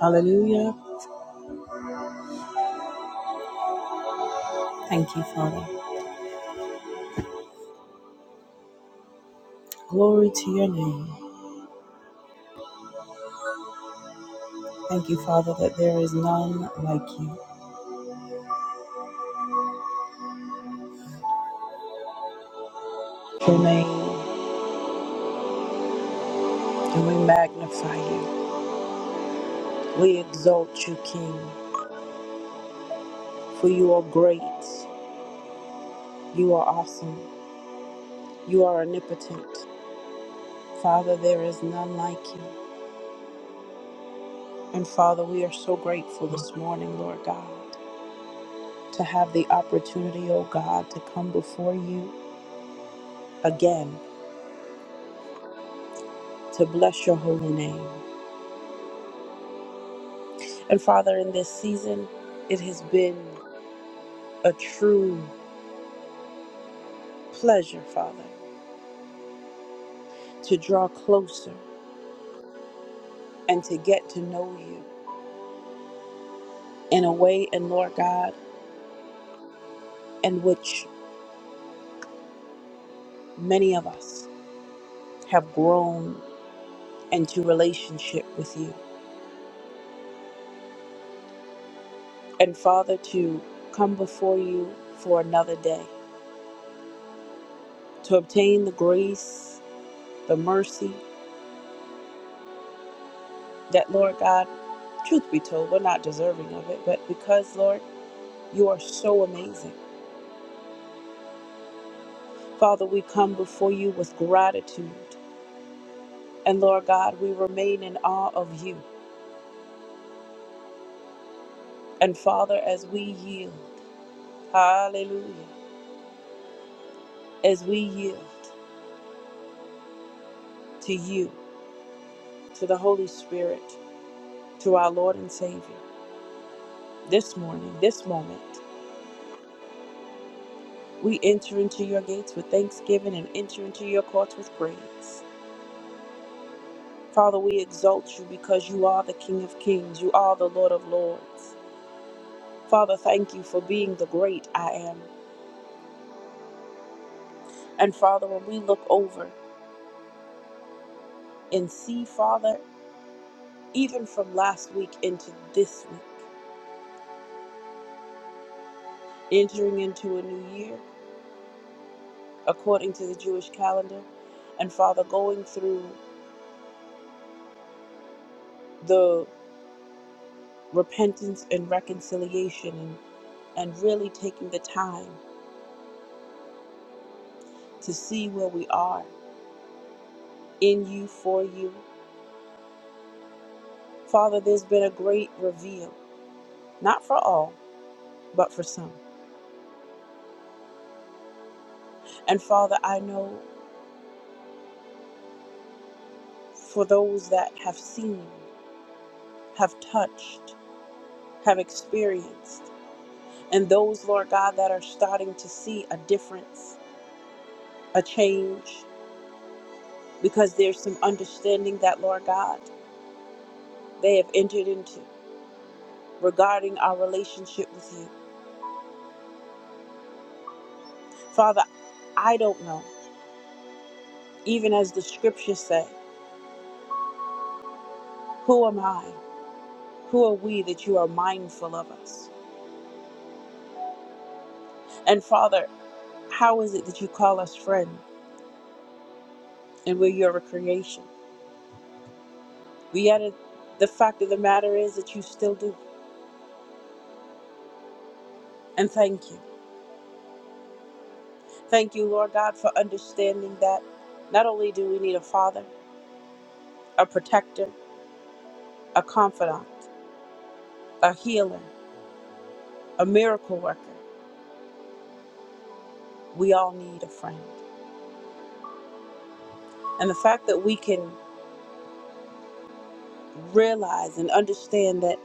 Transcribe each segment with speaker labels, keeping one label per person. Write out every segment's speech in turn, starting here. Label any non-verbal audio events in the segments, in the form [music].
Speaker 1: Hallelujah. Thank you, Father. Glory to your name. Thank you, Father, that there is none like you. Your name, and we magnify you. We exalt you, King, for you are great. You are awesome. You are omnipotent. Father, there is none like you. And Father, we are so grateful this morning, Lord God, to have the opportunity, oh God, to come before you again to bless your holy name. And Father, in this season, it has been a true pleasure, Father, to draw closer and to get to know you in a way, and Lord God, in which many of us have grown into relationship with you. And Father, to come before you for another day, to obtain the grace, the mercy that, Lord God, truth be told, we're not deserving of it, but because, Lord, you are so amazing. Father, we come before you with gratitude. And Lord God, we remain in awe of you. And Father, as we yield, hallelujah, as we yield to you, to the Holy Spirit, to our Lord and Savior, this morning, this moment, we enter into your gates with thanksgiving and enter into your courts with praise. Father, we exalt you because you are the King of kings, you are the Lord of lords. Father, thank you for being the great I am. And Father, when we look over, and see, Father, even from last week into this week, entering into a new year according to the Jewish calendar, and Father, going through the repentance and reconciliation and, and really taking the time to see where we are in you, for you. Father, there's been a great reveal, not for all, but for some. And Father, I know for those that have seen, have touched, have experienced. and those, Lord God, that are starting to see a difference, a change, because there's some understanding that, Lord God, they have entered into regarding our relationship with you. Father, I don't know, even as the scriptures say, who am I? Who are we that you are mindful of us? And Father, how is it that you call us friend and we're your creation? We added the fact of the matter is that you still do. And thank you. Thank you, Lord God, for understanding that not only do we need a father, a protector, a confidant, a healer, a miracle worker, we all need a friend. And the fact that we can realize and understand that,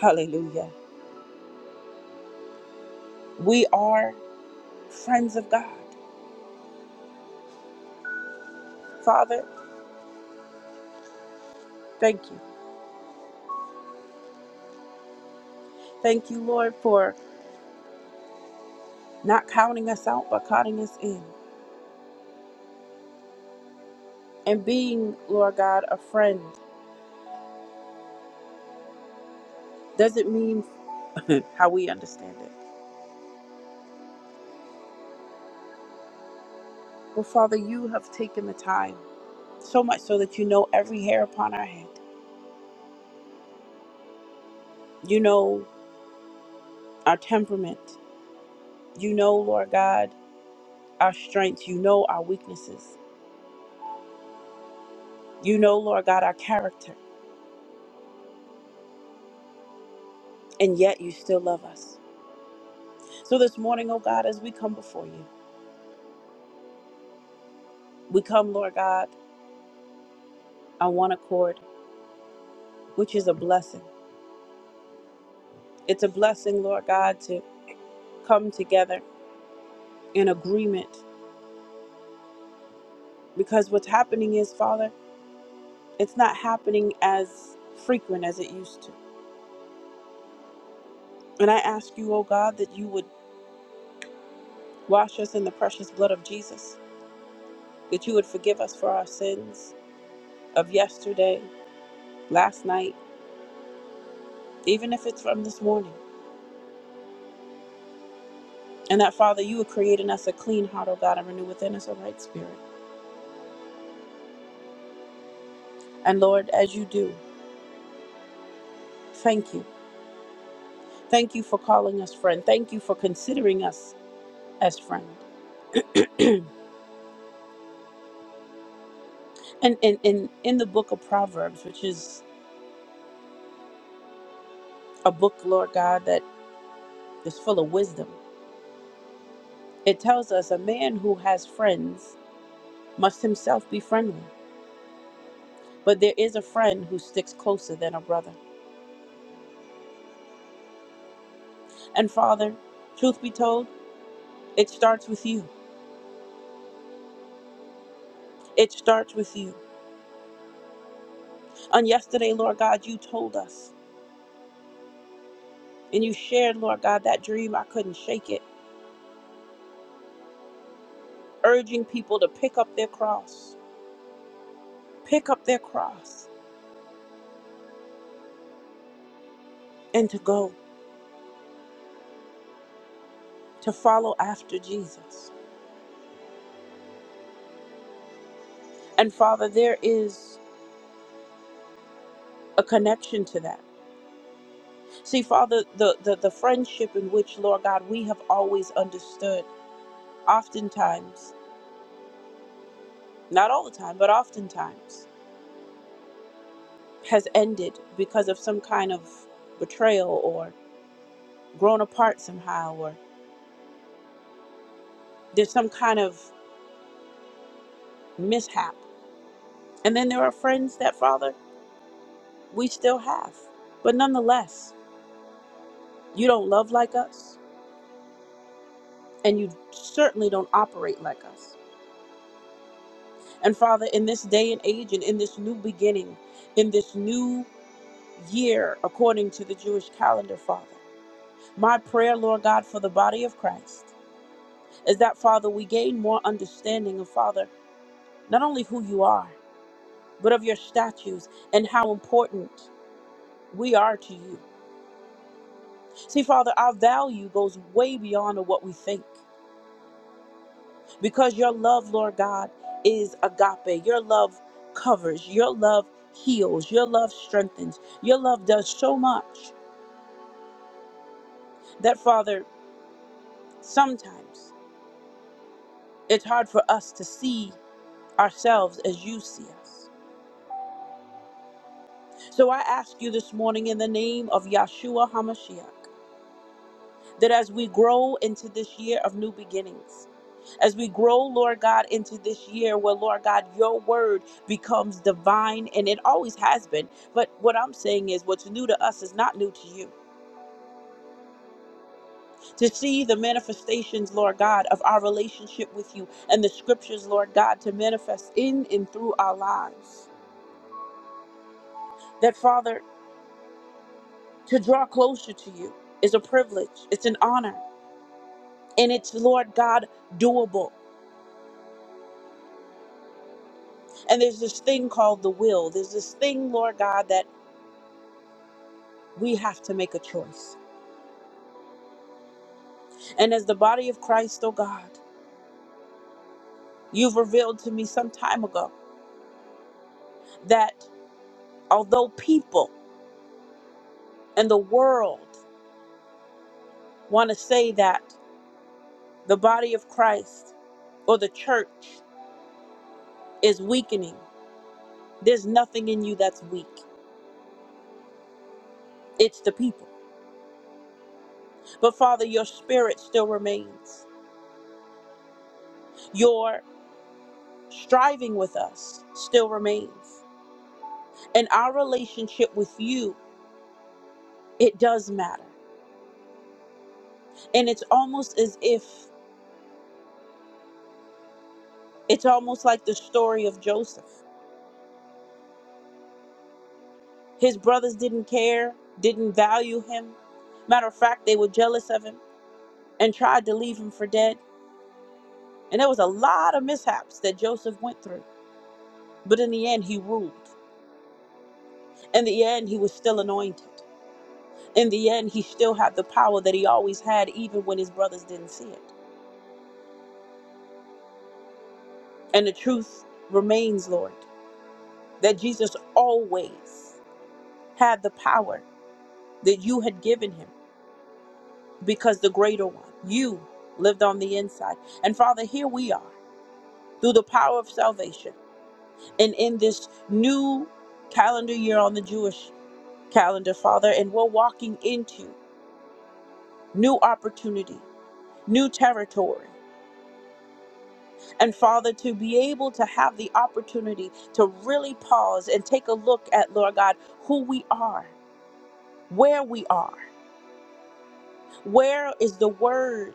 Speaker 1: hallelujah, we are friends of God. Father, thank you. Thank you, Lord, for not counting us out, but counting us in. And being, Lord God, a friend doesn't mean [laughs] how we understand it. But Father, you have taken the time. so much so that you know every hair upon our head. You know our temperament. You know, Lord God, our strengths. You know our weaknesses. You know, Lord God, our character. And yet you still love us. So this morning, oh God, as we come before you, we come, Lord God, on one accord, which is a blessing. It's a blessing, Lord God, to come together in agreement because what's happening is, Father, it's not happening as frequent as it used to. And I ask you, oh God, that you would Wash us in the precious blood of Jesus, that you would forgive us for our sins of yesterday, last night, even if it's from this morning. And that, Father, you would create in us a clean heart, O God, and renew within us a right spirit. And Lord, as you do, thank you. Thank you for calling us friend. Thank you for considering us as friend. And in, in, in the book of Proverbs, which is a book, Lord God, that is full of wisdom, it tells us a man who has friends must himself be friendly. But there is a friend who sticks closer than a brother. And Father, truth be told, it starts with you. It starts with you. On yesterday, Lord God, you told us and you shared, Lord God, that dream. I couldn't shake it, urging people to pick up their cross, pick up their cross, and to go, to follow after Jesus. And Father, there is a connection to that. See, Father, the, the, the friendship in which, Lord God, we have always understood, oftentimes. not all the time, but oftentimes, has ended because of some kind of betrayal or grown apart somehow, or there's some kind of mishap. And then there are friends that, Father, we still have. But nonetheless, you don't love like us, and you certainly don't operate like us. And Father, in this day and age, and in this new beginning, in this new year, according to the Jewish calendar, Father, my prayer, Lord God, for the body of Christ is that, Father, we gain more understanding of, Father, not only who you are, but of your statues and how important we are to you. See, Father, our value goes way beyond of what we think because your love, Lord God, is agape. Your love covers, your love heals, your love strengthens, your love does so much that, Father, sometimes it's hard for us to see ourselves as you see us. So I ask you this morning in the name of Yahshua HaMashiach that as we grow into this year of new beginnings, as we grow, Lord God, into this year where, Lord God, your word becomes divine and it always has been. But what I'm saying is what's new to us is not new to you. To see the manifestations, Lord God, of our relationship with you and the scriptures, Lord God, to manifest in and through our lives. That, Father, to draw closer to you is a privilege, it's an honor. and it's Lord God doable. And there's this thing called the will. There's this thing, Lord God, that we have to make a choice. And as the body of Christ, oh God, you've revealed to me some time ago that although people and the world want to say that the body of Christ or the church is weakening, there's nothing in you that's weak. It's the people. But Father, your spirit still remains. Your striving with us still remains. And our relationship with you, it does matter. And it's almost as if it's almost like the story of Joseph. His brothers didn't care, didn't value him. Matter of fact, they were jealous of him and tried to leave him for dead. And there was a lot of mishaps that Joseph went through. But in the end, he ruled. In the end, he was still anointed. In the end, he still had the power that he always had, even when his brothers didn't see it. And the truth remains, Lord, that Jesus always had the power that you had given him because the greater one, you, lived on the inside. And Father, here we are through the power of salvation and in this new calendar year on the Jewish calendar, Father, and we're walking into new opportunity, new territory. And Father, to be able to have the opportunity to really pause and take a look at, Lord God, who we are, where we are, where is the word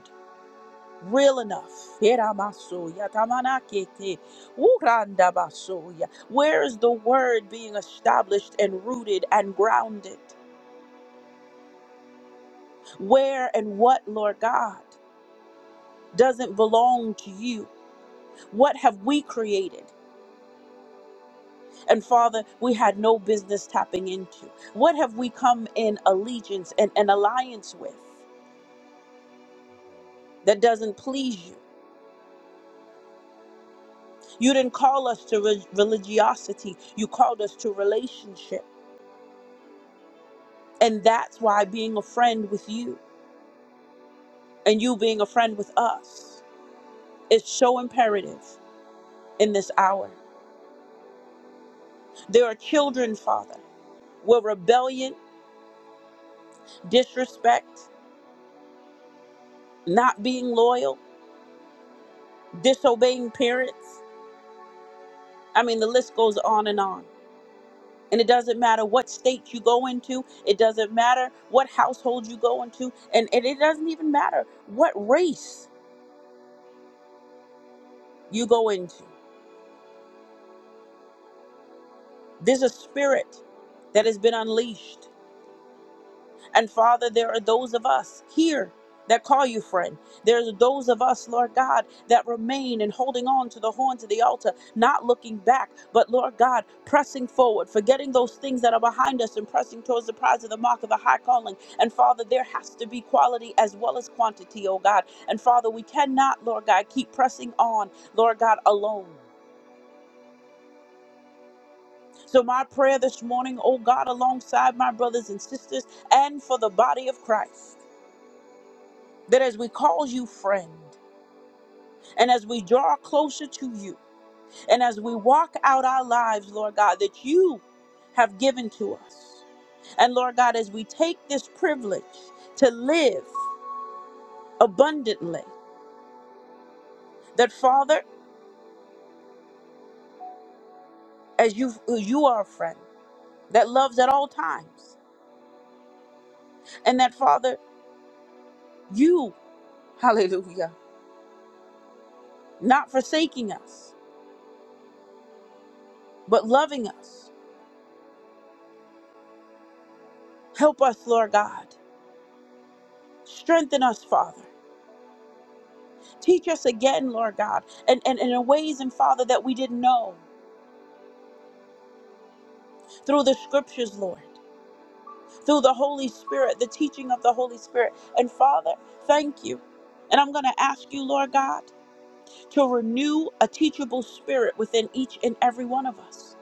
Speaker 1: real enough. Iramasoya, tamanakete, urandabasoya. Where is the word being established and rooted and grounded? Where and what, Lord God, doesn't belong to you? What have we created? And Father, we had no business tapping into. What have we come in allegiance and an alliance with that doesn't please you? You didn't call us to re- religiosity. You called us to relationship. And that's why being a friend with you and you being a friend with us is so imperative in this hour. There are children, Father, where rebellion, disrespect, not being loyal, disobeying parents. I mean, the list goes on and on. And it doesn't matter what state you go into, it doesn't matter what household you go into, and, and it doesn't even matter what race you go into. There's a spirit that has been unleashed And Father, there are those of us here that call you friend. There's those of us, Lord God, that remain and holding on to the horns of the altar, not looking back, but Lord God, pressing forward, forgetting those things that are behind us and pressing towards the prize of the mark of the high calling. And Father, there has to be quality as well as quantity, oh God. And Father, we cannot, Lord God, keep pressing on, Lord God, alone. So, my prayer this morning, oh God, alongside my brothers and sisters and for the body of Christ. that as we call you friend, and as we draw closer to you, and as we walk out our lives, Lord God, that you have given to us. And Lord God, as we take this privilege to live abundantly, that Father, as you you are a friend that loves at all times, and that Father, you, [laughs] hallelujah, not forsaking us, but loving us. Help us, Lord God. Strengthen us, Father. Teach us again, Lord God, and, and, and in ways and Father that we didn't know through the scriptures, Lord, through the Holy Spirit, the teaching of the Holy Spirit. And Father, thank you. And I'm going to ask you, Lord God, to renew a teachable spirit within each and every one of us.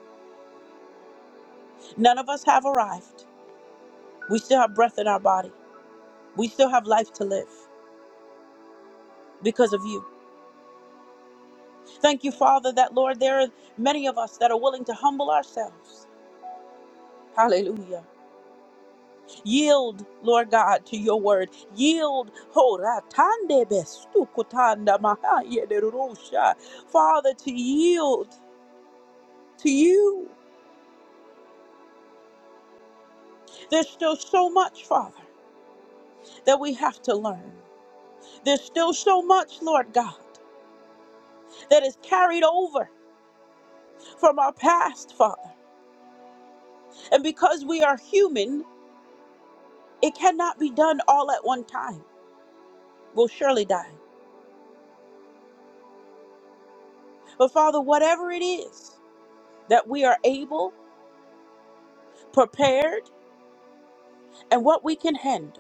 Speaker 1: None of us have arrived. We still have breath in our body, we still have life to live because of you. Thank you, Father, that, Lord, there are many of us that are willing to humble ourselves. Hallelujah Yield, Lord God, to your word. Yield. ho, ratande bestukutanda mahaye de rusha. Father, to yield to you. There's still so much, Father, that we have to learn. There's still so much, Lord God, that is carried over from our past, Father. And because we are human, it cannot be done all at one time. We'll surely die. But Father, whatever it is that we are able, prepared, and what we can handle.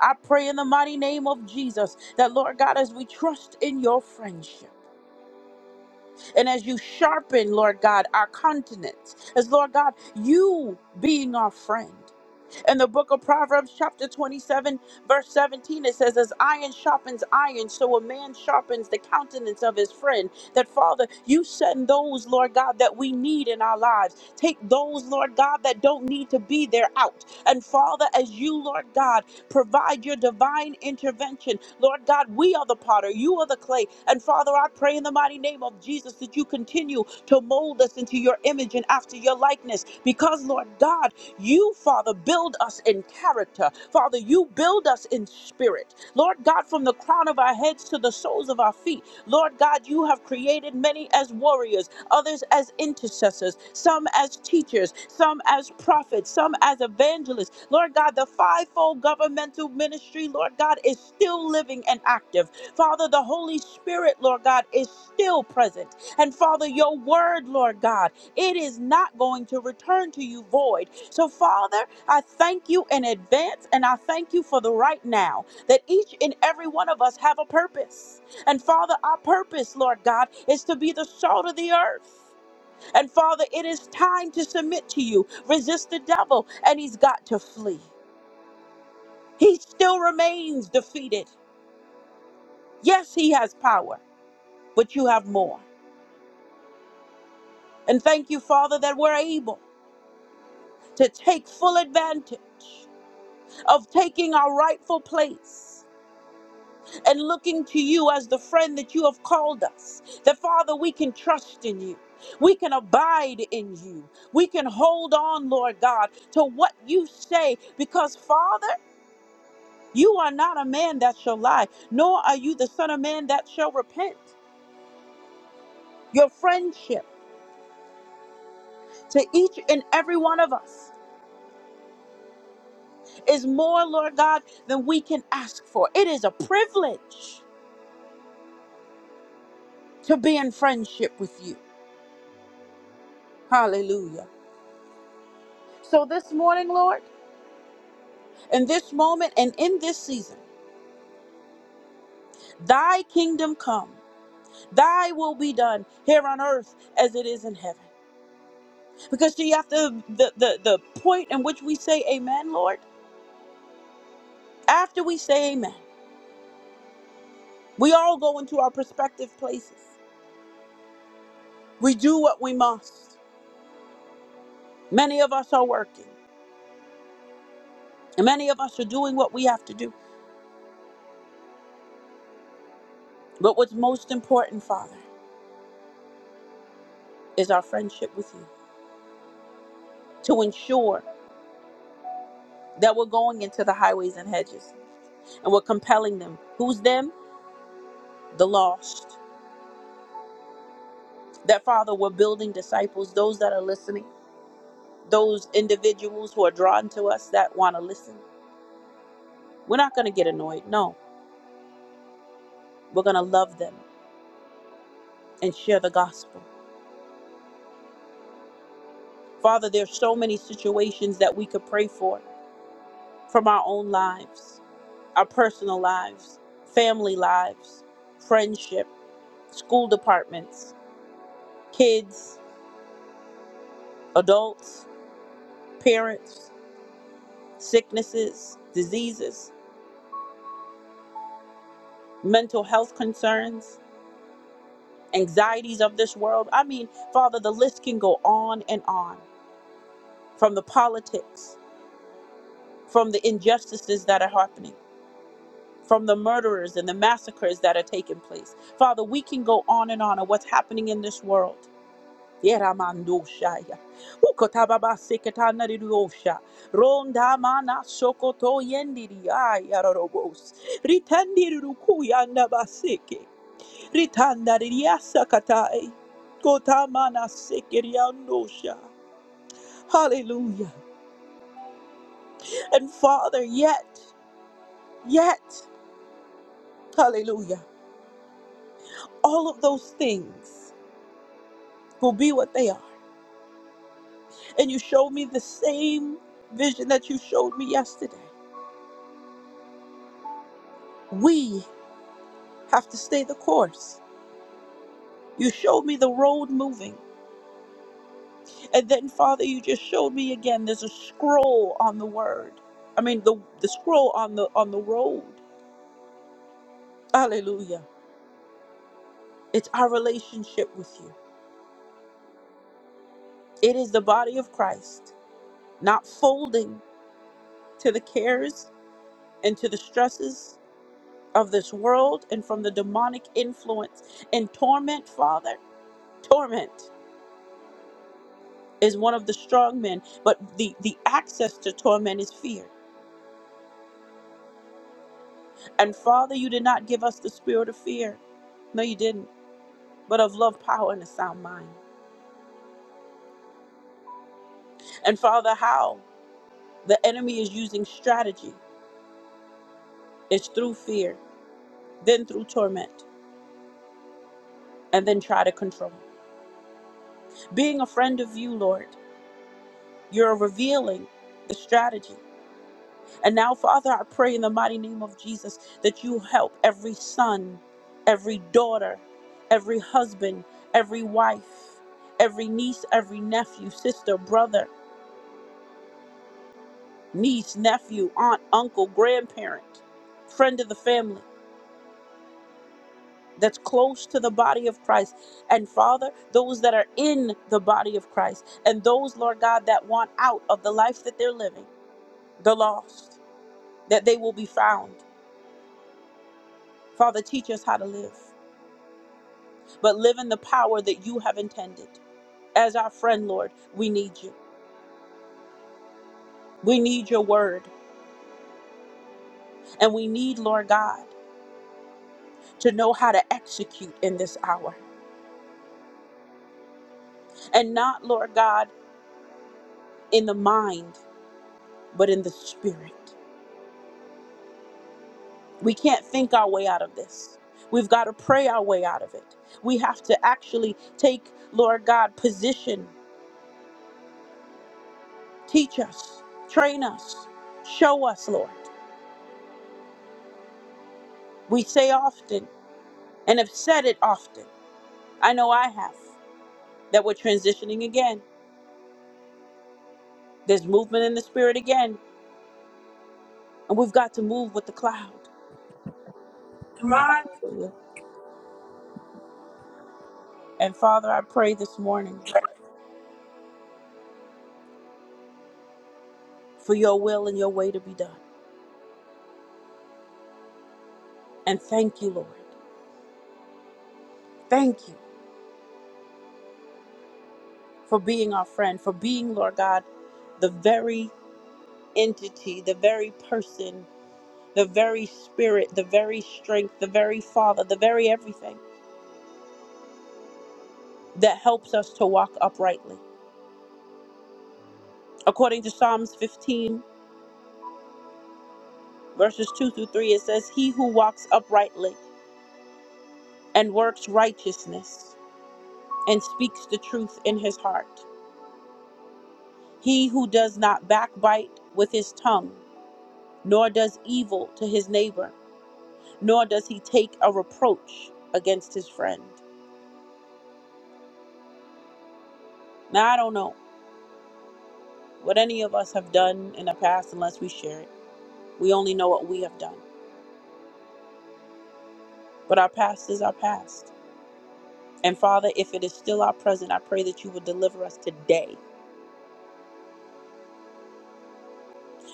Speaker 1: I pray in the mighty name of Jesus that, Lord God, as we trust in your friendship and as you sharpen, Lord God, our continents, as Lord God, you being our friend. In the book of Proverbs, chapter 27, verse 17, it says, As iron sharpens iron, so a man sharpens the countenance of his friend. That, Father, you send those, Lord God, that we need in our lives. Take those, Lord God, that don't need to be there out. And, Father, as you, Lord God, provide your divine intervention, Lord God, we are the potter, you are the clay. And, Father, I pray in the mighty name of Jesus that you continue to mold us into your image and after your likeness. Because, Lord God, you, Father, build us in character. Father, you build us in spirit. Lord God, from the crown of our heads to the soles of our feet, Lord God, you have created many as warriors, others as intercessors, some as teachers, some as prophets, some as evangelists. Lord God, the fivefold governmental ministry, Lord God, is still living and active. Father, the Holy Spirit, Lord God, is still present. And Father, your word, Lord God, it is not going to return to you void. So, Father, I thank you in advance and I thank you for the right now that each and every one of us have a purpose. And Father, our purpose, Lord God, is to be the salt of the earth. And Father, it is time to submit to you. Resist the devil, and he's got to flee. He still remains defeated. Yes, he has power, but you have more. And thank you, Father, that we're able to take full advantage of taking our rightful place. and looking to you as the friend that you have called us. That, Father, we can trust in you. We can abide in you. We can hold on, Lord God, to what you say, because, Father, you are not a man that shall lie, nor are you the Son of Man that shall repent. Your friendship to each and every one of us is more, Lord God, than we can ask for. It is a privilege to be in friendship with you. Hallelujah. So this morning, Lord, in this moment and in this season. Thy kingdom come, thy will be done here on earth as it is in heaven. Because see, after the, the, the point in which we say amen, Lord, after we say amen, we all go into our prospective places. We do what we must. Many of us are working, and many of us are doing what we have to do. But what's most important, Father, is our friendship with you to ensure that we're going into the highways and hedges and we're compelling them. Who's them? the lost, that Father, we're building disciples, those that are listening, those individuals who are drawn to us that want to listen. We're not going to get annoyed. No, we're going to love them and share the gospel. Father, there's so many situations that we could pray for from our own lives, our personal lives, family lives, friendship, school departments, kids, adults, parents, sicknesses, diseases, mental health concerns, anxieties of this world. I mean, Father, the list can go on and on from the politics, from the injustices that are happening, from the murderers and the massacres that are taking place. Father, we can go on and on of what's happening in this world. Yeramandoshaya. Ukotababaseketanaririyosha. Rondamanasokotoyendiriyayarodobos. Ritandirukuyandabaseke. Ritandariasa katai. Kotamana sekiriandosha. Hallelujah. And Father, yet, yet, hallelujah, all of those things will be what they are. And you showed me the same vision that you showed me yesterday. We have to stay the course. You showed me the road moving. And then, Father, you just showed me again there's a scroll on the word. I mean the the scroll on the on the road. Hallelujah. It's our relationship with you. It is the body of Christ, not folding to the cares and to the stresses of this world and from the demonic influence and torment, Father. Torment is one of the strong men, but the, the access to torment is fear. And Father, you did not give us the spirit of fear. No, you didn't, but of love, power, and a sound mind. And Father, how the enemy is using strategy is through fear, then through torment and then try to control. Being a friend of you, Lord, you're revealing the strategy. And now, Father, I pray in the mighty name of Jesus that you help every son, every daughter, every husband, every wife, every niece, every nephew, sister, brother, niece, nephew, aunt, uncle, grandparent, friend of the family. that's close to the body of Christ. And Father, those that are in the body of Christ and those, Lord God, that want out of the life that they're living, the lost, that they will be found. Father, teach us how to live, but live in the power that you have intended. As our friend, Lord, we need you. We need your word. And we need, Lord God, to know how to execute in this hour. And not, Lord God, in the mind, but in the spirit. We can't think our way out of this. We've got to pray our way out of it. We have to actually take, Lord God, position, teach us, train us, show us, Lord. We say often and have said it often. I know I have that we're transitioning again. There's movement in the spirit again, and we've got to move with the cloud.
Speaker 2: Ron,
Speaker 1: And Father, I pray this morning for your will and your way to be done. And thank you, Lord. Thank you. for being our friend, for being, Lord God, the very entity, the very person, the very spirit, the very strength, the very Father, the very everything that helps us to walk uprightly. According to Psalms 15, verses 2 through 3, it says, He who walks uprightly and works righteousness and speaks the truth in his heart, he who does not backbite with his tongue, nor does evil to his neighbor nor does he take a reproach against his friend. Now, I don't know what any of us have done in the past unless we share it. We only know what we have done. But our past is our past. And Father, if it is still our present, I pray that you would deliver us today.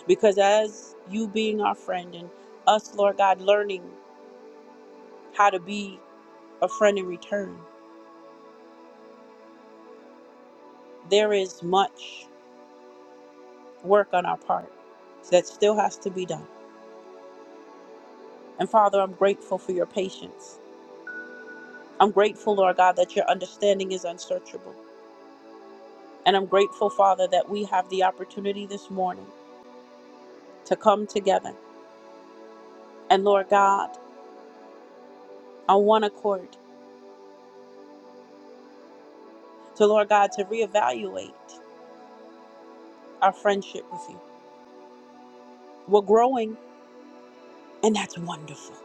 Speaker 1: Because as you being our friend and us, Lord God, learning how to be a friend in return, there is much work on our part that still has to be done. And Father, I'm grateful for your patience. I'm grateful, Lord God, that your understanding is unsearchable. And I'm grateful, Father, that we have the opportunity this morning to come together and, Lord God, on one accord, to, Lord God, to reevaluate our friendship with you. We're growing, and that's wonderful.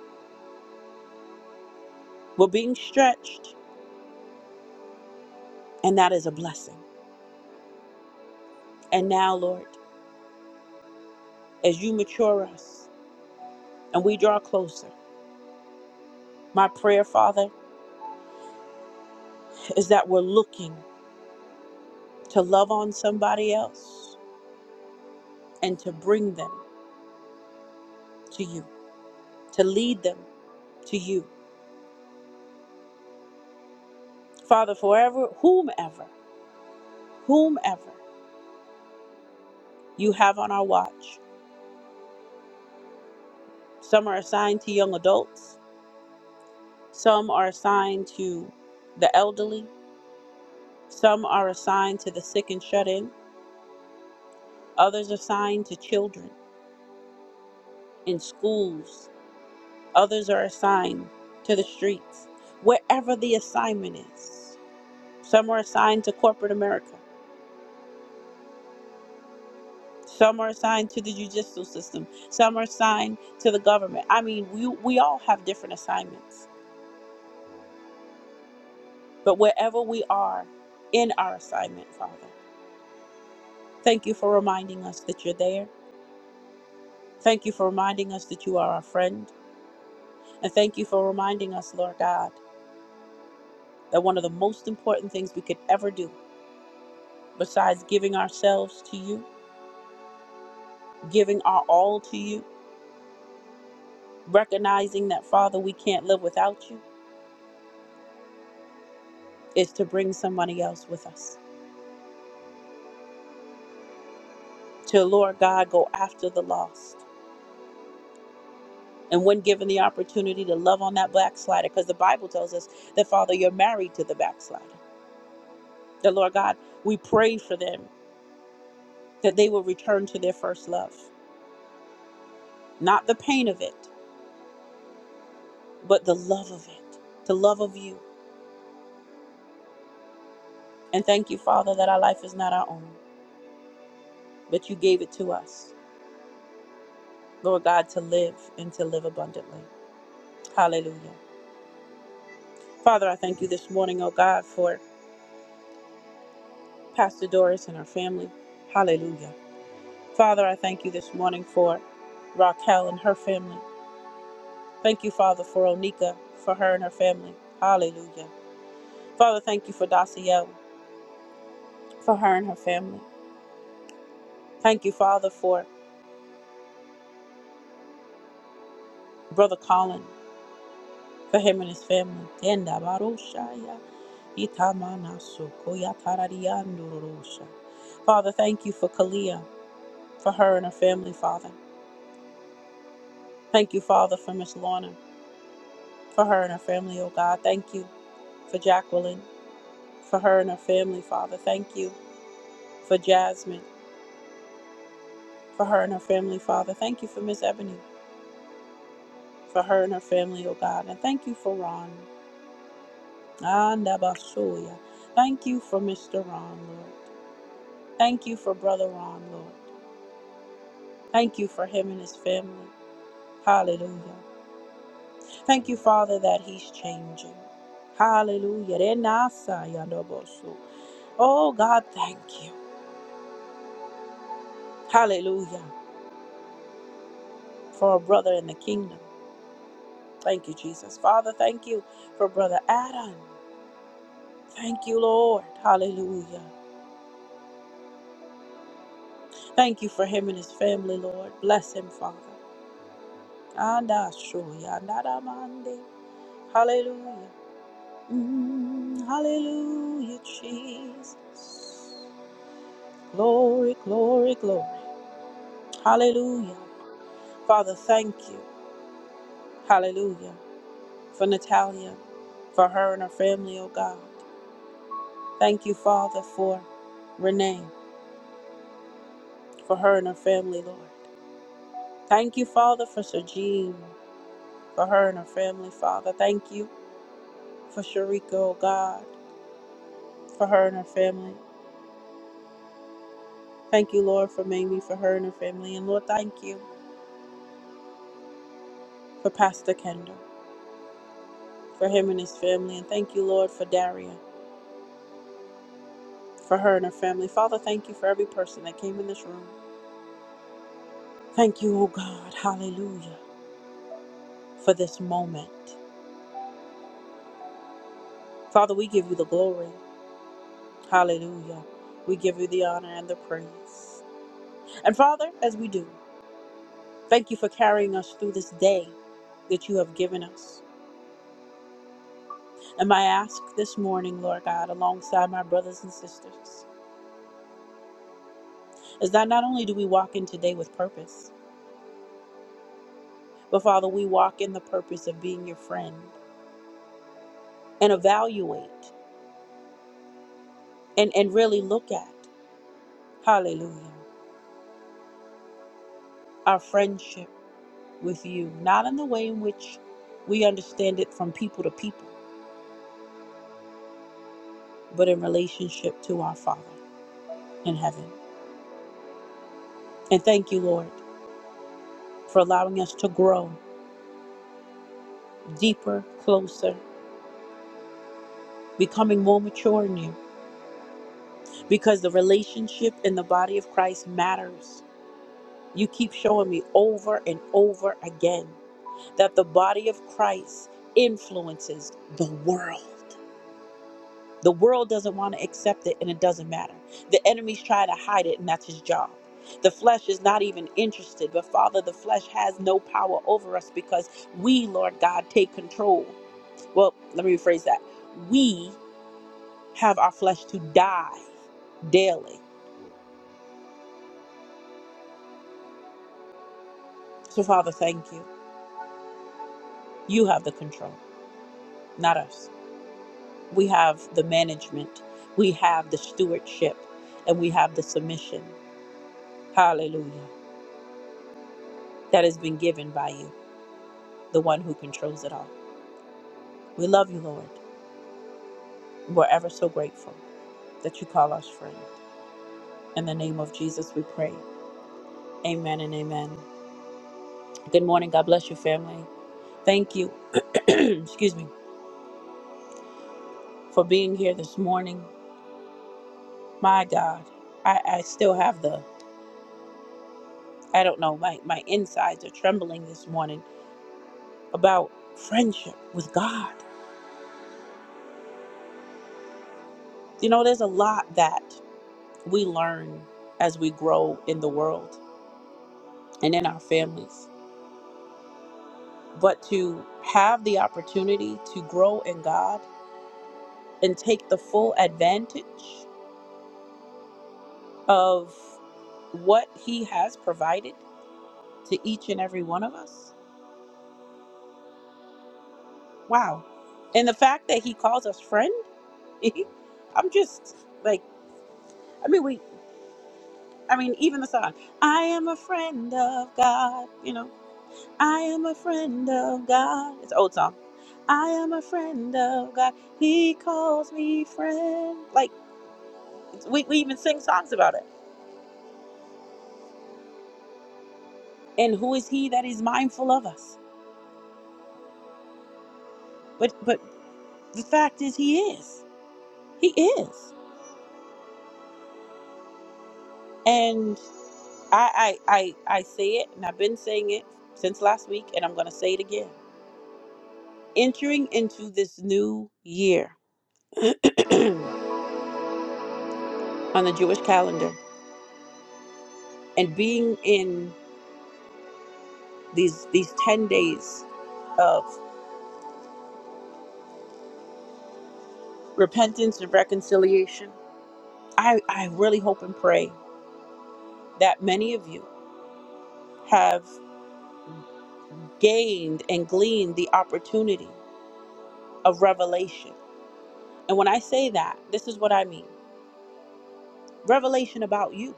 Speaker 1: We're being stretched, and that is a blessing. And now, Lord, as you mature us and we draw closer, my prayer, Father, is that we're looking to love on somebody else and to bring them to you. to lead them to you. Father, forever, whomever, whomever you have on our watch, some are assigned to young adults, some are assigned to the elderly, some are assigned to the sick and shut in, others are assigned to children in schools, others are assigned to the streets, wherever the assignment is. Some are assigned to corporate America, Some are assigned to the judicial system. Some are assigned to the government. I mean, we, we all have different assignments. But wherever we are in our assignment, Father, thank you for reminding us that you're there. Thank you for reminding us that you are our friend. And thank you for reminding us, Lord God, that one of the most important things we could ever do, besides giving ourselves to you, giving our all to you, recognizing that, Father, we can't live without you, is to bring somebody else with us. to Lord God go after the lost. And when given the opportunity to love on that backslider, because the Bible tells us that Father, you're married to the backslider. That Lord God, we pray for them that they will return to their first love. Not the pain of it, but the love of it, the love of you. And thank you, Father, that our life is not our own, but you gave it to us, Lord God, to live and to live abundantly. Hallelujah. Father, I thank you this morning, oh God, for Pastor Doris and her family. Hallelujah. Father, I thank you this morning for Raquel and her family. Thank you, Father, for Onika, for her and her family. Hallelujah. Father, thank you for Daciel, for her and her family. Thank you, Father, for Brother Colin, for him and his family. Tenda baroshaya, itamanaso, koyatarariandorosha. Father, thank you for Kalia, for her and her family, Father. Thank you, Father, for Miss Lorna, for her and her family, oh God. Thank you for Jacqueline, for her and her family, Father. Thank you for Jasmine, for her and her family, Father. Thank you for Miss Ebony, for her and her family, oh God. And thank you for Ron. Andabasuya. Thank you for Mr. Ron, Lord. Thank you for Brother Ron, Lord. Thank you for him and his family. Hallelujah. Thank you, Father, that he's changing. Hallelujah. Renasayandobosu. Oh, God, thank you. Hallelujah. For a brother in the kingdom. Thank you, Jesus. Father, thank you for Brother Adam. Thank you, Lord. Hallelujah. Thank you for him and his family, Lord. Bless him, Father. Andashoya, nadamande. Hallelujah. Mm, hallelujah, Jesus. Glory, glory, glory. Hallelujah. Father, thank you. Hallelujah. For Natalia, for her and her family, oh God. Thank you, Father, for Renee, for her and her family, Lord. Thank you, Father, for Sir Jean. for her and her family, Father. Thank you for Sharika, oh God, for her and her family. Thank you, Lord, for Mamie, for her and her family. And Lord, thank you for Pastor Kendall, for him and his family. And thank you, Lord, for Daria, for her and her family. Father, thank you for every person that came in this room. Thank you, oh God, hallelujah, for this moment. Father, we give you the glory. Hallelujah. We give you the honor and the praise. And Father, as we do, thank you for carrying us through this day that you have given us. And I ask this morning, Lord God, alongside my brothers and sisters, is that not only do we walk in today with purpose, but Father, we walk in the purpose of being your friend and evaluate and, and really look at, hallelujah, our friendship with you, not in the way in which we understand it from people to people, but in relationship to our Father in heaven. And thank you, Lord, for allowing us to grow deeper, closer, becoming more mature in you because the relationship in the body of Christ matters. You keep showing me over and over again that the body of Christ influences the world. The world doesn't want to accept it and it doesn't matter. The enemy's trying to hide it and that's his job. The flesh is not even interested, but Father, the flesh has no power over us because we, Lord God, take control. Well, let me rephrase that. We have our flesh to die daily. So, Father, thank you. You have the control, not us. We have the management, we have the stewardship, and we have the submission. Hallelujah. That has been given by you, the one who controls it all. We love you, Lord. We're ever so grateful that you call us friend. In the name of Jesus, we pray. Amen and amen. Good morning. God bless you, family. Thank you, [clears throat] excuse me, for being here this morning. My God, I, I still have the, I don't know, my, my insides are trembling this morning about friendship with God. You know, there's a lot that we learn as we grow in the world and in our families. But to have the opportunity to grow in God and take the full advantage of what He has provided to each and every one of us, wow. And the fact that He calls us friend, [laughs] I'm just like, I mean, we, I mean, even the song, I am a friend of God, you know I am a friend of God. It's an old song. I am a friend of God. He calls me friend. Like we, we even sing songs about it. And who is he that is mindful of us? But but the fact is he is. He is. And I I I, I say it and I've been saying it since last week and I'm gonna say it again. Entering into this new year [clears throat] on the Jewish calendar and being in these these ten days of repentance and reconciliation. I, I really hope and pray that many of you have gained and gleaned the opportunity of revelation. And when I say that, this is what I mean revelation about you,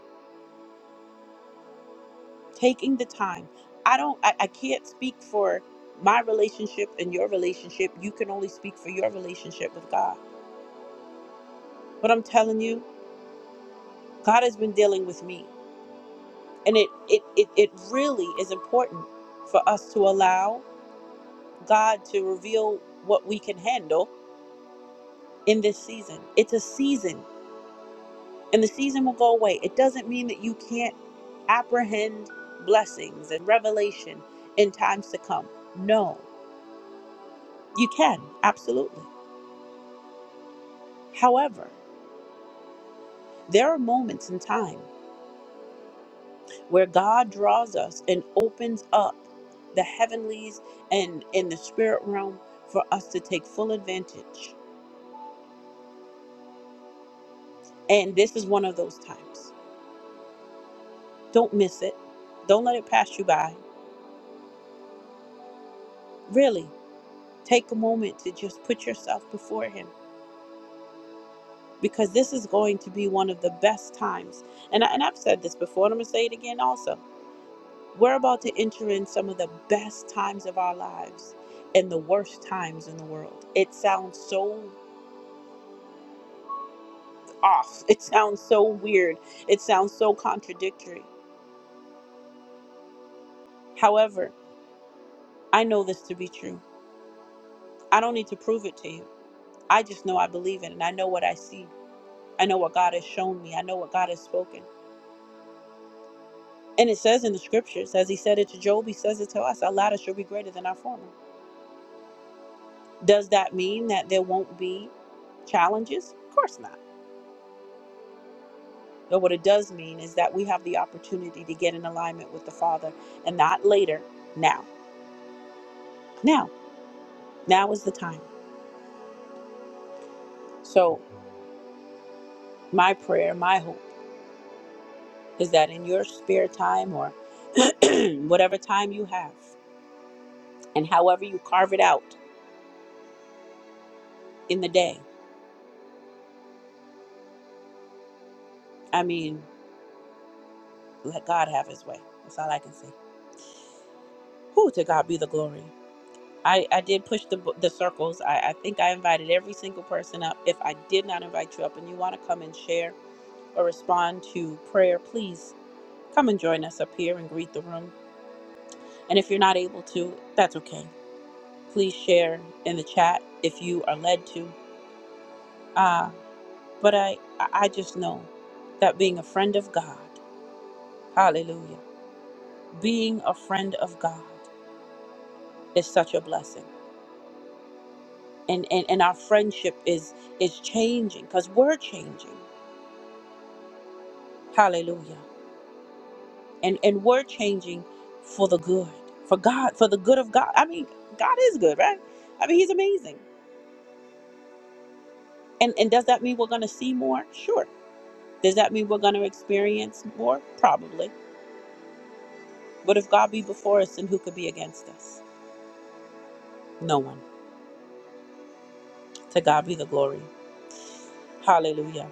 Speaker 1: taking the time. I don't, I, I can't speak for my relationship and your relationship. You can only speak for your relationship with God. But I'm telling you, God has been dealing with me. And it, it, it, it really is important for us to allow God to reveal what we can handle in this season. It's a season, and the season will go away. It doesn't mean that you can't apprehend blessings and revelation in times to come. No, you can, absolutely. However, there are moments in time where God draws us and opens up the heavenlies and in the spirit realm for us to take full advantage. And this is one of those times. Don't miss it. Don't let it pass you by. Really, take a moment to just put yourself before Him because this is going to be one of the best times. And, I, and I've said this before, and I'm going to say it again also. We're about to enter in some of the best times of our lives and the worst times in the world. It sounds so off. [laughs] It sounds so weird. It sounds so contradictory. However, I know this to be true. I don't need to prove it to you. I just know I believe it and I know what I see. I know what God has shown me. I know what God has spoken. And it says in the scriptures, as he said it to Job, he says it to us, our latter shall be greater than our former. Does that mean that there won't be challenges? Of course not. But what it does mean is that we have the opportunity to get in alignment with the Father and not later, now. Now. Now is the time. So, my prayer, my hope is that in your spare time or [clears throat] whatever time you have, and however you carve it out in the day, I mean, let God have his way. That's all I can say. Who to God be the glory. I, I did push the, the circles. I, I think I invited every single person up. If I did not invite you up and you want to come and share or respond to prayer, please come and join us up here and greet the room. And if you're not able to, that's okay. Please share in the chat if you are led to. Uh, but I I just know that being a friend of God, hallelujah, being a friend of God is such a blessing. And, and, and our friendship is is changing because we're changing. Hallelujah. And and we're changing for the good. For God, for the good of God. I mean, God is good, right? I mean, he's amazing. And and does that mean we're going to see more? Sure. Does that mean we're going to experience more? Probably. But if God be before us, then who could be against us? No one. To God be the glory. Hallelujah.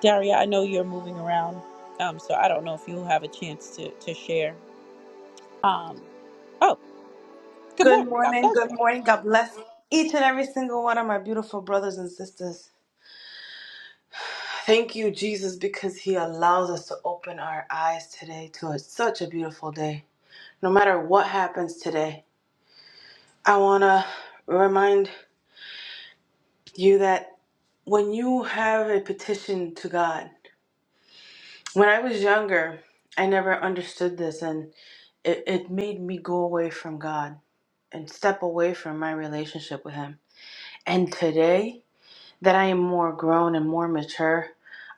Speaker 1: Daria, I know you're moving around. Um, so I don't know if you'll have a chance to to share. Um, oh, good
Speaker 2: good
Speaker 1: morning. God
Speaker 2: morning.
Speaker 1: bless
Speaker 2: Good
Speaker 1: you.
Speaker 2: morning. God bless each and every single one of my beautiful brothers and sisters. Thank you, Jesus, because He allows us to open our eyes today to a, such a beautiful day. No matter what happens today, I want to remind you that when you have a petition to God, when I was younger, I never understood this and it, it made me go away from God and step away from my relationship with Him. And today, that I am more grown and more mature,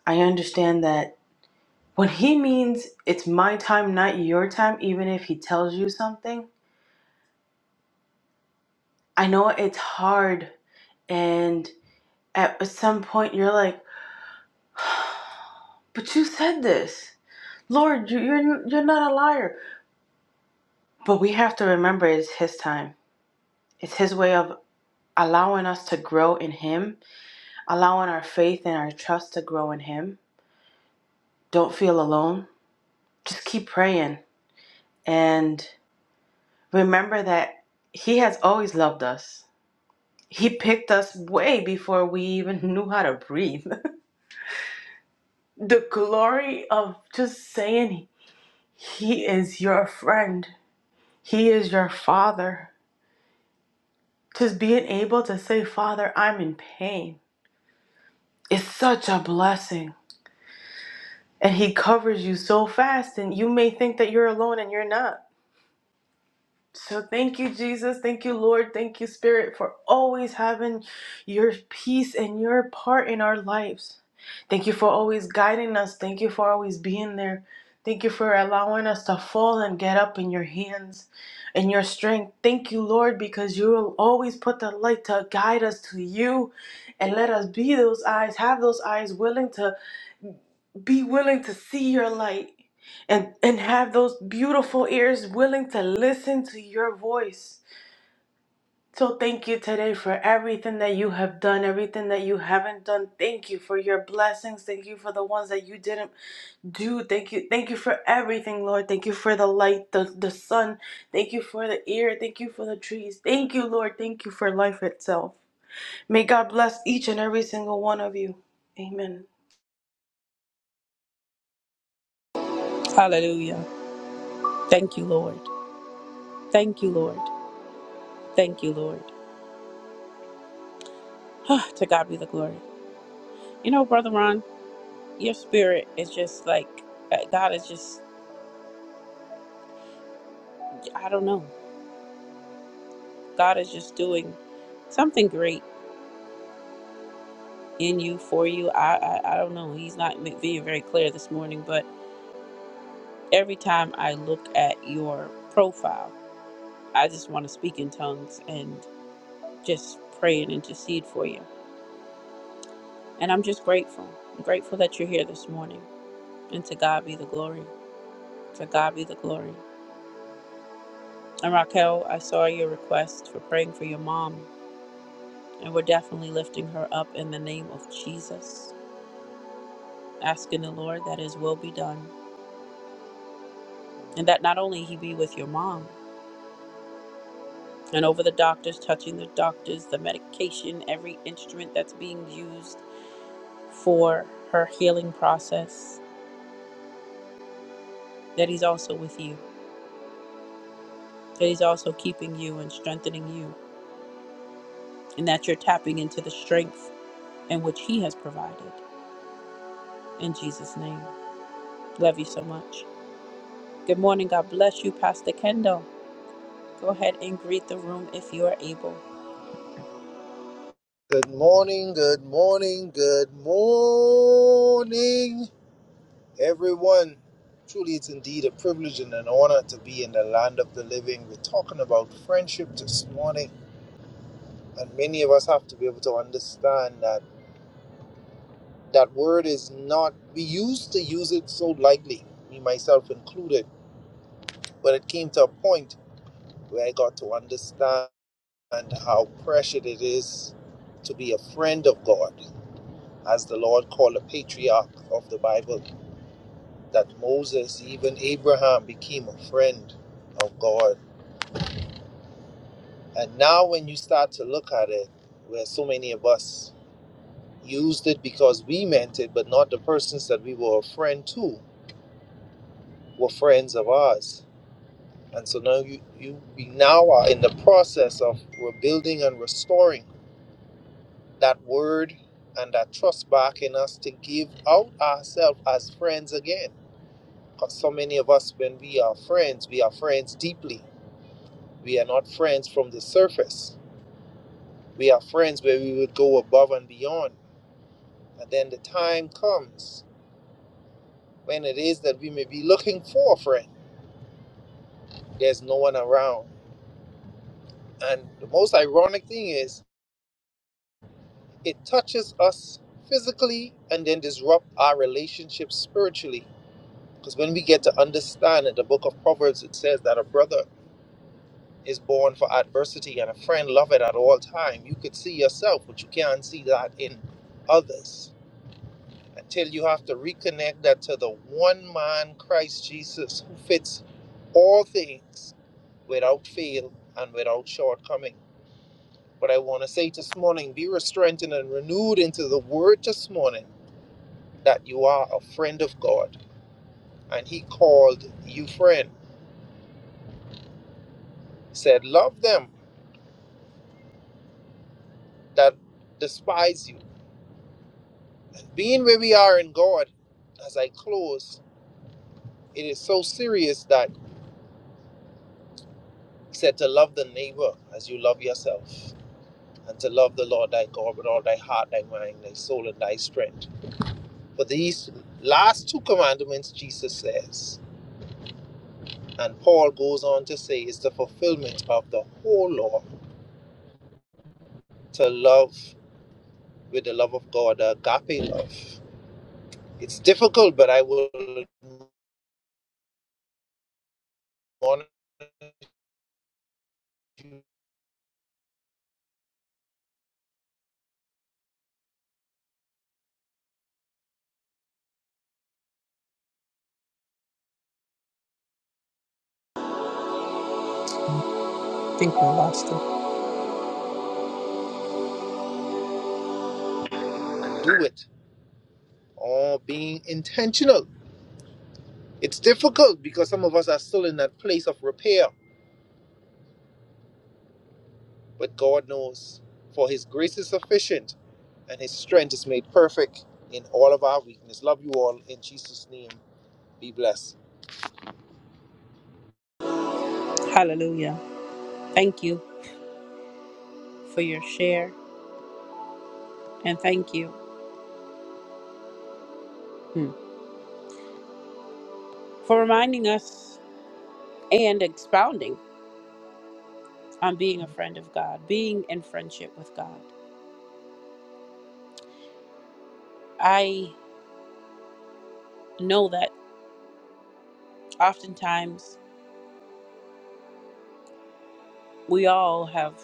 Speaker 2: I understand that when he means it's my time, not your time, even if he tells you something, I know it's hard. And at some point, you're like, but you said this. Lord, you- you're, you're not a liar. But we have to remember it's his time, it's his way of allowing us to grow in him, allowing our faith and our trust to grow in him. Don't feel alone. Just keep praying. And remember that He has always loved us. He picked us way before we even [laughs] knew how to breathe. [laughs] the glory of just saying He is your friend, He is your father. Just being able to say, Father, I'm in pain, is such a blessing. And He covers you so fast, and you may think that you're alone and you're not. So thank you, Jesus. Thank you, Lord. Thank you, Spirit, for always having your peace and your part in our lives. Thank you for always guiding us. Thank you for always being there. Thank you for allowing us to fall and get up in your hands and your strength. Thank you, Lord, because you will always put the light to guide us to you and let us be those eyes, have those eyes willing to be willing to see your light and and have those beautiful ears willing to listen to your voice so thank you today for everything that you have done everything that you haven't done thank you for your blessings thank you for the ones that you didn't do thank you thank you for everything lord thank you for the light the, the sun thank you for the air thank you for the trees thank you lord thank you for life itself may god bless each and every single one of you amen
Speaker 1: Hallelujah. Thank you, Lord. Thank you, Lord. Thank you, Lord. [sighs] to God be the glory. You know, Brother Ron, your spirit is just like, uh, God is just, I don't know. God is just doing something great in you, for you. I, I, I don't know. He's not ma- being very clear this morning, but every time I look at your profile, I just want to speak in tongues and just pray and intercede for you. And I'm just grateful. I'm grateful that you're here this morning. And to God be the glory. To God be the glory. And Raquel, I saw your request for praying for your mom, and we're definitely lifting her up in the name of Jesus, asking the Lord that His will be done, and that not only He be with your mom, and over the doctors, touching the doctors, the medication, every instrument that's being used for her healing process, that He's also with you, that He's also keeping you and strengthening you, and that you're tapping into the strength in which He has provided. In Jesus' name. Love you so much. Good morning. God bless you, Pastor Kendall. Go ahead and greet the room if you are able.
Speaker 3: Good morning, good morning, good morning, everyone. Truly, it's indeed a privilege and an honor to be in the land of the living. We're talking about friendship this morning, and many of us have to be able to understand that that word is not, we used to use it so lightly, me myself included, but it came to a point where I got to understand how precious it is to be a friend of God, as the Lord called a patriarch of the Bible that Moses, even Abraham, became a friend of God. And now, when you start to look at it, where so many of us used it because we meant it, but not the persons that we were a friend to were friends of ours. And so now you, you we now are in the process of rebuilding and restoring that word and that trust back in us to give out ourselves as friends again. Because so many of us, when we are friends, we are friends deeply We are not friends from the surface. We are friends where we would go above and beyond. And then the time comes when it is that we may be looking for a friend. There's no one around. And the most ironic thing is, it touches us physically and then disrupt our relationship spiritually. Because when we get to understand that the book of Proverbs, it says that a brother is born for adversity and a friend loveth at all time. You could see yourself, but you can't see that in others. until you have to reconnect that to the one man Christ Jesus who fits all things without fail and without shortcoming. But I want to say this morning, be strengthened and renewed into the word this morning that you are a friend of God and he called you friend. He said, Love them that despise you. Being where we are in God, as I close, it is so serious that he said to love the neighbor as you love yourself and to love the Lord thy God with all thy heart, thy mind, thy soul, and thy strength. For these last two commandments, Jesus says, and Paul goes on to say, is the fulfillment of the whole law to love with the love of God, the agape love. It's difficult, but I will admonish you
Speaker 1: I think we lost him.
Speaker 3: and do it, or being intentional. It's difficult because some of us are still in that place of repair But God knows, for his grace is sufficient and his strength is made perfect in all of our weakness. Love you all. In Jesus' name, be blessed.
Speaker 1: Hallelujah. Thank you for your share and thank you hmm, for reminding us and expounding on being a friend of God, being in friendship with God. I know that oftentimes we all have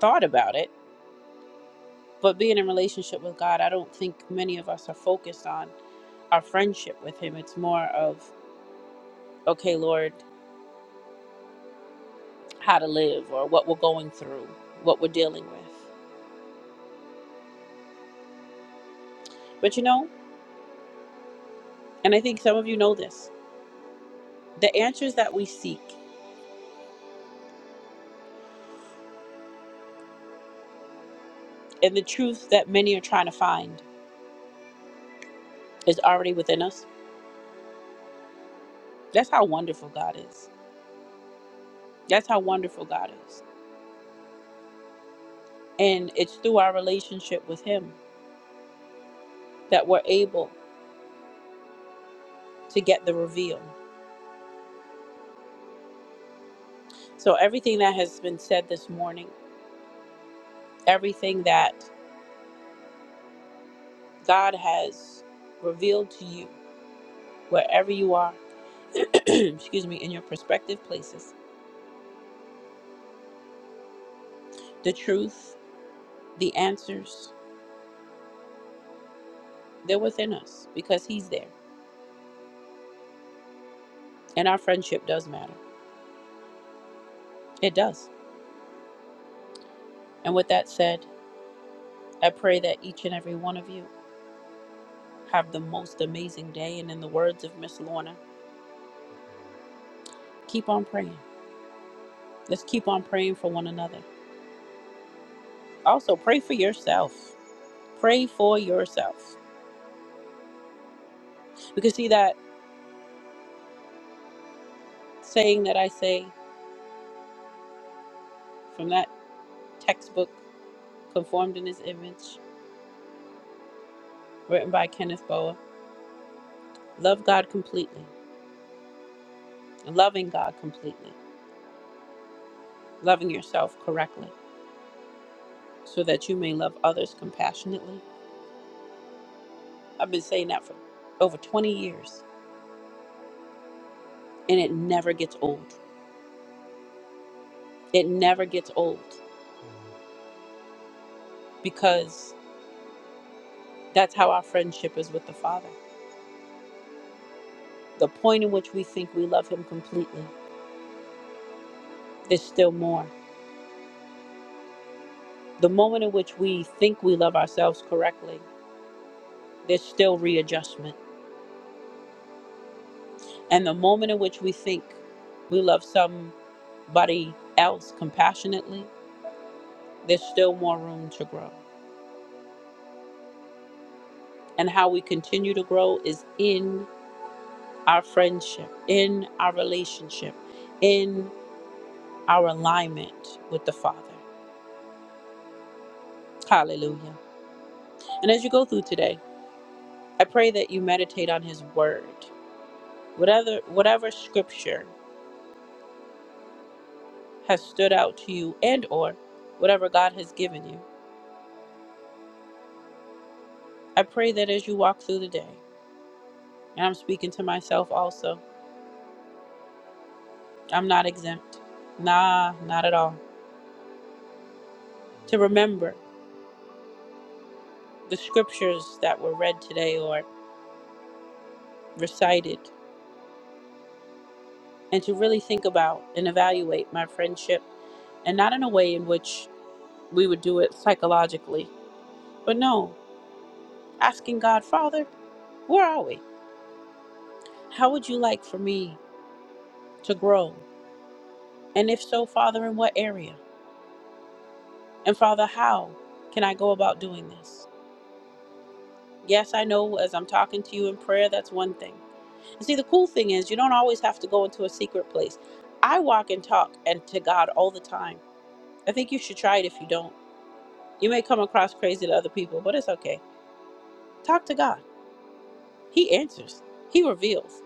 Speaker 1: thought about it, but being in relationship with God, I don't think many of us are focused on our friendship with Him. It's more of, okay, Lord. how to live or what we're going through, what we're dealing with. But you know, and I think some of you know this the answers that we seek and the truth that many are trying to find is already within us. That's how wonderful God is. That's how wonderful God is. And it's through our relationship with Him that we're able to get the reveal. So, everything that has been said this morning, everything that God has revealed to you, wherever you are, [clears throat] excuse me, in your prospective places, the truth, the answers, they're within us because He's there. And our friendship does matter. It does. And with that said, I pray that each and every one of you have the most amazing day. And in the words of Miss Lorna, keep on praying. Let's keep on praying for one another. Also, pray for yourself. Pray for yourself. Because, see, that saying that I say from that textbook, Conformed in His Image, written by Kenneth Boa love God completely, loving God completely. loving yourself correctly so that you may love others compassionately. I've been saying that for over 20 years and it never gets old. It never gets old because that's how our friendship is with the Father. The point in which we think we love Him completely, there's still more. The moment in which we think we love ourselves correctly, there's still readjustment. And the moment in which we think we love somebody else compassionately, there's still more room to grow. and how we continue to grow is in our friendship, in our relationship, in our alignment with the Father. Hallelujah. And as you go through today, I pray that you meditate on his word. Whatever whatever scripture has stood out to you and or whatever God has given you. I pray that as you walk through the day, and I'm speaking to myself also, I'm not exempt. Nah, not at all. To remember the scriptures that were read today or recited and to really think about and evaluate my friendship and not in a way in which we would do it psychologically, but no, asking God, Father, where are we? How would you like for me to grow? And if so, Father, in what area? And Father, how can I go about doing this? Yes, I know as I'm talking to you in prayer, that's one thing. And see, the cool thing is, you don't always have to go into a secret place. I walk and talk and to God all the time. I think you should try it if you don't. You may come across crazy to other people, but it's okay Talk to God. He answers. He reveals.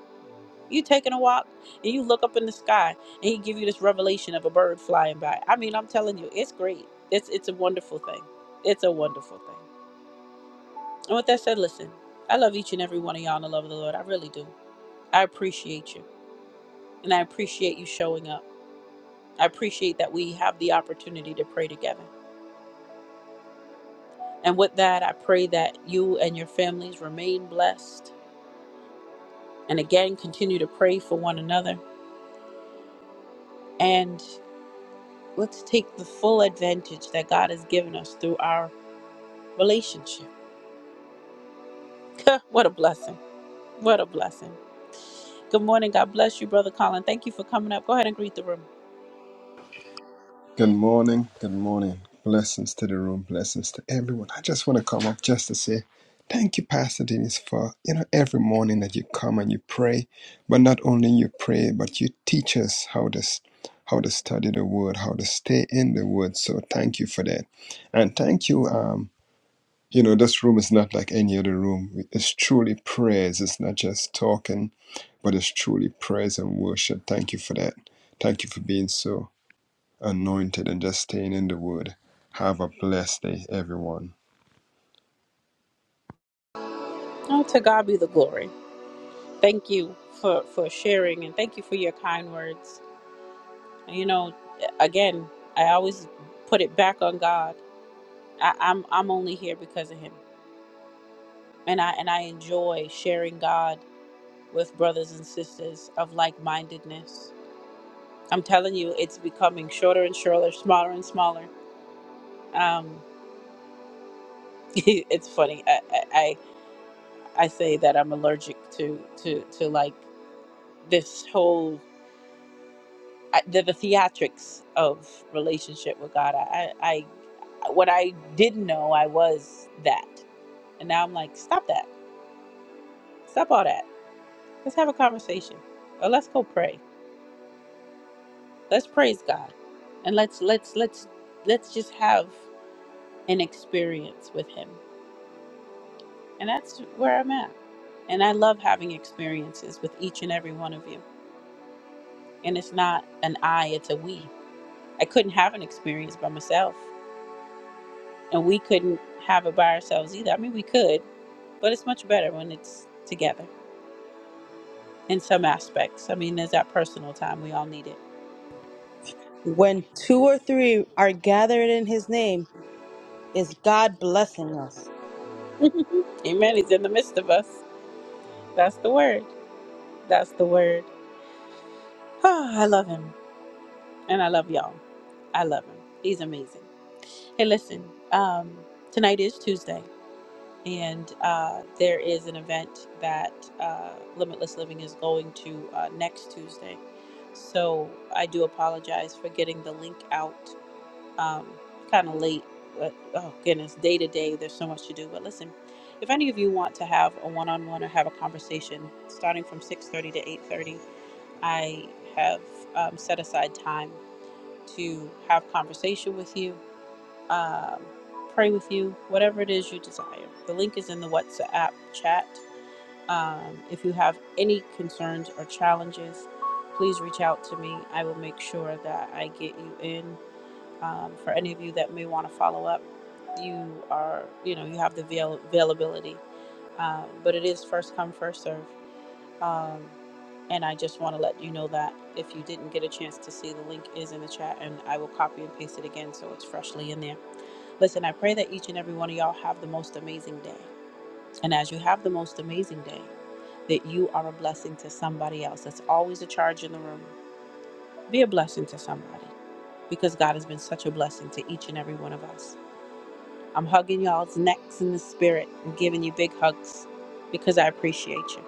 Speaker 1: You taking a walk and you look up in the sky and he give you this revelation of a bird flying by. I mean, I'm telling you, it's great. It's it's a wonderful thing. It's a wonderful thing. And with that said, listen, I love each and every one of y'all in the love of the Lord. I really do. I appreciate you. And I appreciate you showing up. I appreciate that we have the opportunity to pray together. And with that, I pray that you and your families remain blessed. And again, continue to pray for one another. And Let's take the full advantage that God has given us through our relationship. [laughs] what a blessing. What a blessing. Good morning. God bless you, Brother Colin. Thank you for coming up. Go ahead and greet the room.
Speaker 4: Good morning. Good morning. Blessings to the room. Blessings to everyone. I just want to come up just to say thank you, Pastor Dennis, for you know every morning that you come and you pray. But not only you pray, but you teach us how to s- how to study the Word, how to stay in the Word. So thank you for that, and thank you. Um, you know this room is not like any other room. It's truly prayers. It's not just talking, but it's truly praise and worship. Thank you for that. Thank you for being so anointed and just staying in the word. Have a blessed day, everyone.
Speaker 1: Oh, to God be the glory. Thank you for, for sharing and thank you for your kind words. You know, again, I always put it back on God. I, I'm I'm only here because of him. And I and I enjoy sharing God with brothers and sisters of like mindedness I'm telling you, it's becoming shorter and shorter, smaller and smaller. Um, [laughs] it's funny. I, I I I say that I'm allergic to to to like this whole I, the, the theatrics of relationship with God. I, I I what I didn't know I was that, and now I'm like, stop that, stop all that. Let's have a conversation, or let's go pray. Let's praise God, and let's let's let's let's just have an experience with Him And that's where I'm at. And I love having experiences with each and every one of you. And it's not an I, it's a we. I couldn't have an experience by myself. And we couldn't have it by ourselves either. I mean, we could, but it's much better when it's together in some aspects. I mean, there's that personal time. We all need it.
Speaker 2: Three, our name. God bless.
Speaker 1: [laughs] Amen. He's in the midst of us. That's the word. That's the word. [sighs] Oh, I love him. And I love y'all. I love him. He's amazing. Hey, listen, um, tonight is Tuesday. and uh, there is an event that uh, Limitless Living is going to uh, next Tuesday. So I do apologize for getting the link out um, kind of late. But oh goodness, day to day, there's so much to do. But listen, if any of you want to have a one-on-one or have a conversation, starting from 6:30 to 8:30, I have um, set aside time to have conversation with you um, pray with you, whatever it is you desire. The link is in the WhatsApp chat. Um, if you have any concerns or challenges, please reach out to me. I will make sure that I get you in. Um, for any of you that may want to follow up, you are, you know, you have the avail- availability. Um, but it is first come, first serve. Um, and I just want to let you know that if you didn't get a chance to see, the link is in the chat, and I will copy and paste it again so it's freshly in there Listen, I pray that each and every one of y'all have the most amazing day. And as you have the most amazing day, that you are a blessing to somebody else. That's always a charge in the room. Be a blessing to somebody because God has been such a blessing to each and every one of us. I'm hugging y'all's necks in the spirit and giving you big hugs because I appreciate you.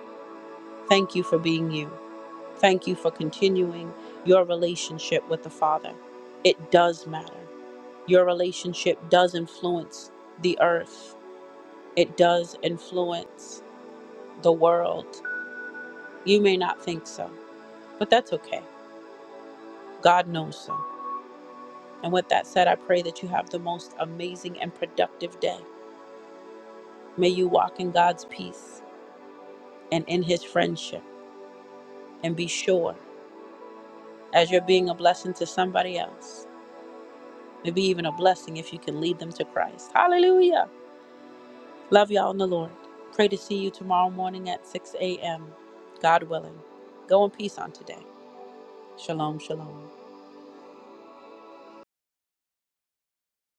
Speaker 1: Thank you for being you. Thank you for continuing your relationship with the Father. It does matter. Your relationship does influence the earth. it does influence the world. You may not think so, but that's okay. God knows so. And with that said, I pray that you have the most amazing and productive day. May you walk in God's peace and in his friendship. And be sure, as you're being a blessing to somebody else, maybe even a blessing if you can lead them to Christ. Hallelujah. Love y'all in the Lord. Pray to see you tomorrow morning at 6 a.m. God willing. Go in peace on today. Shalom, shalom.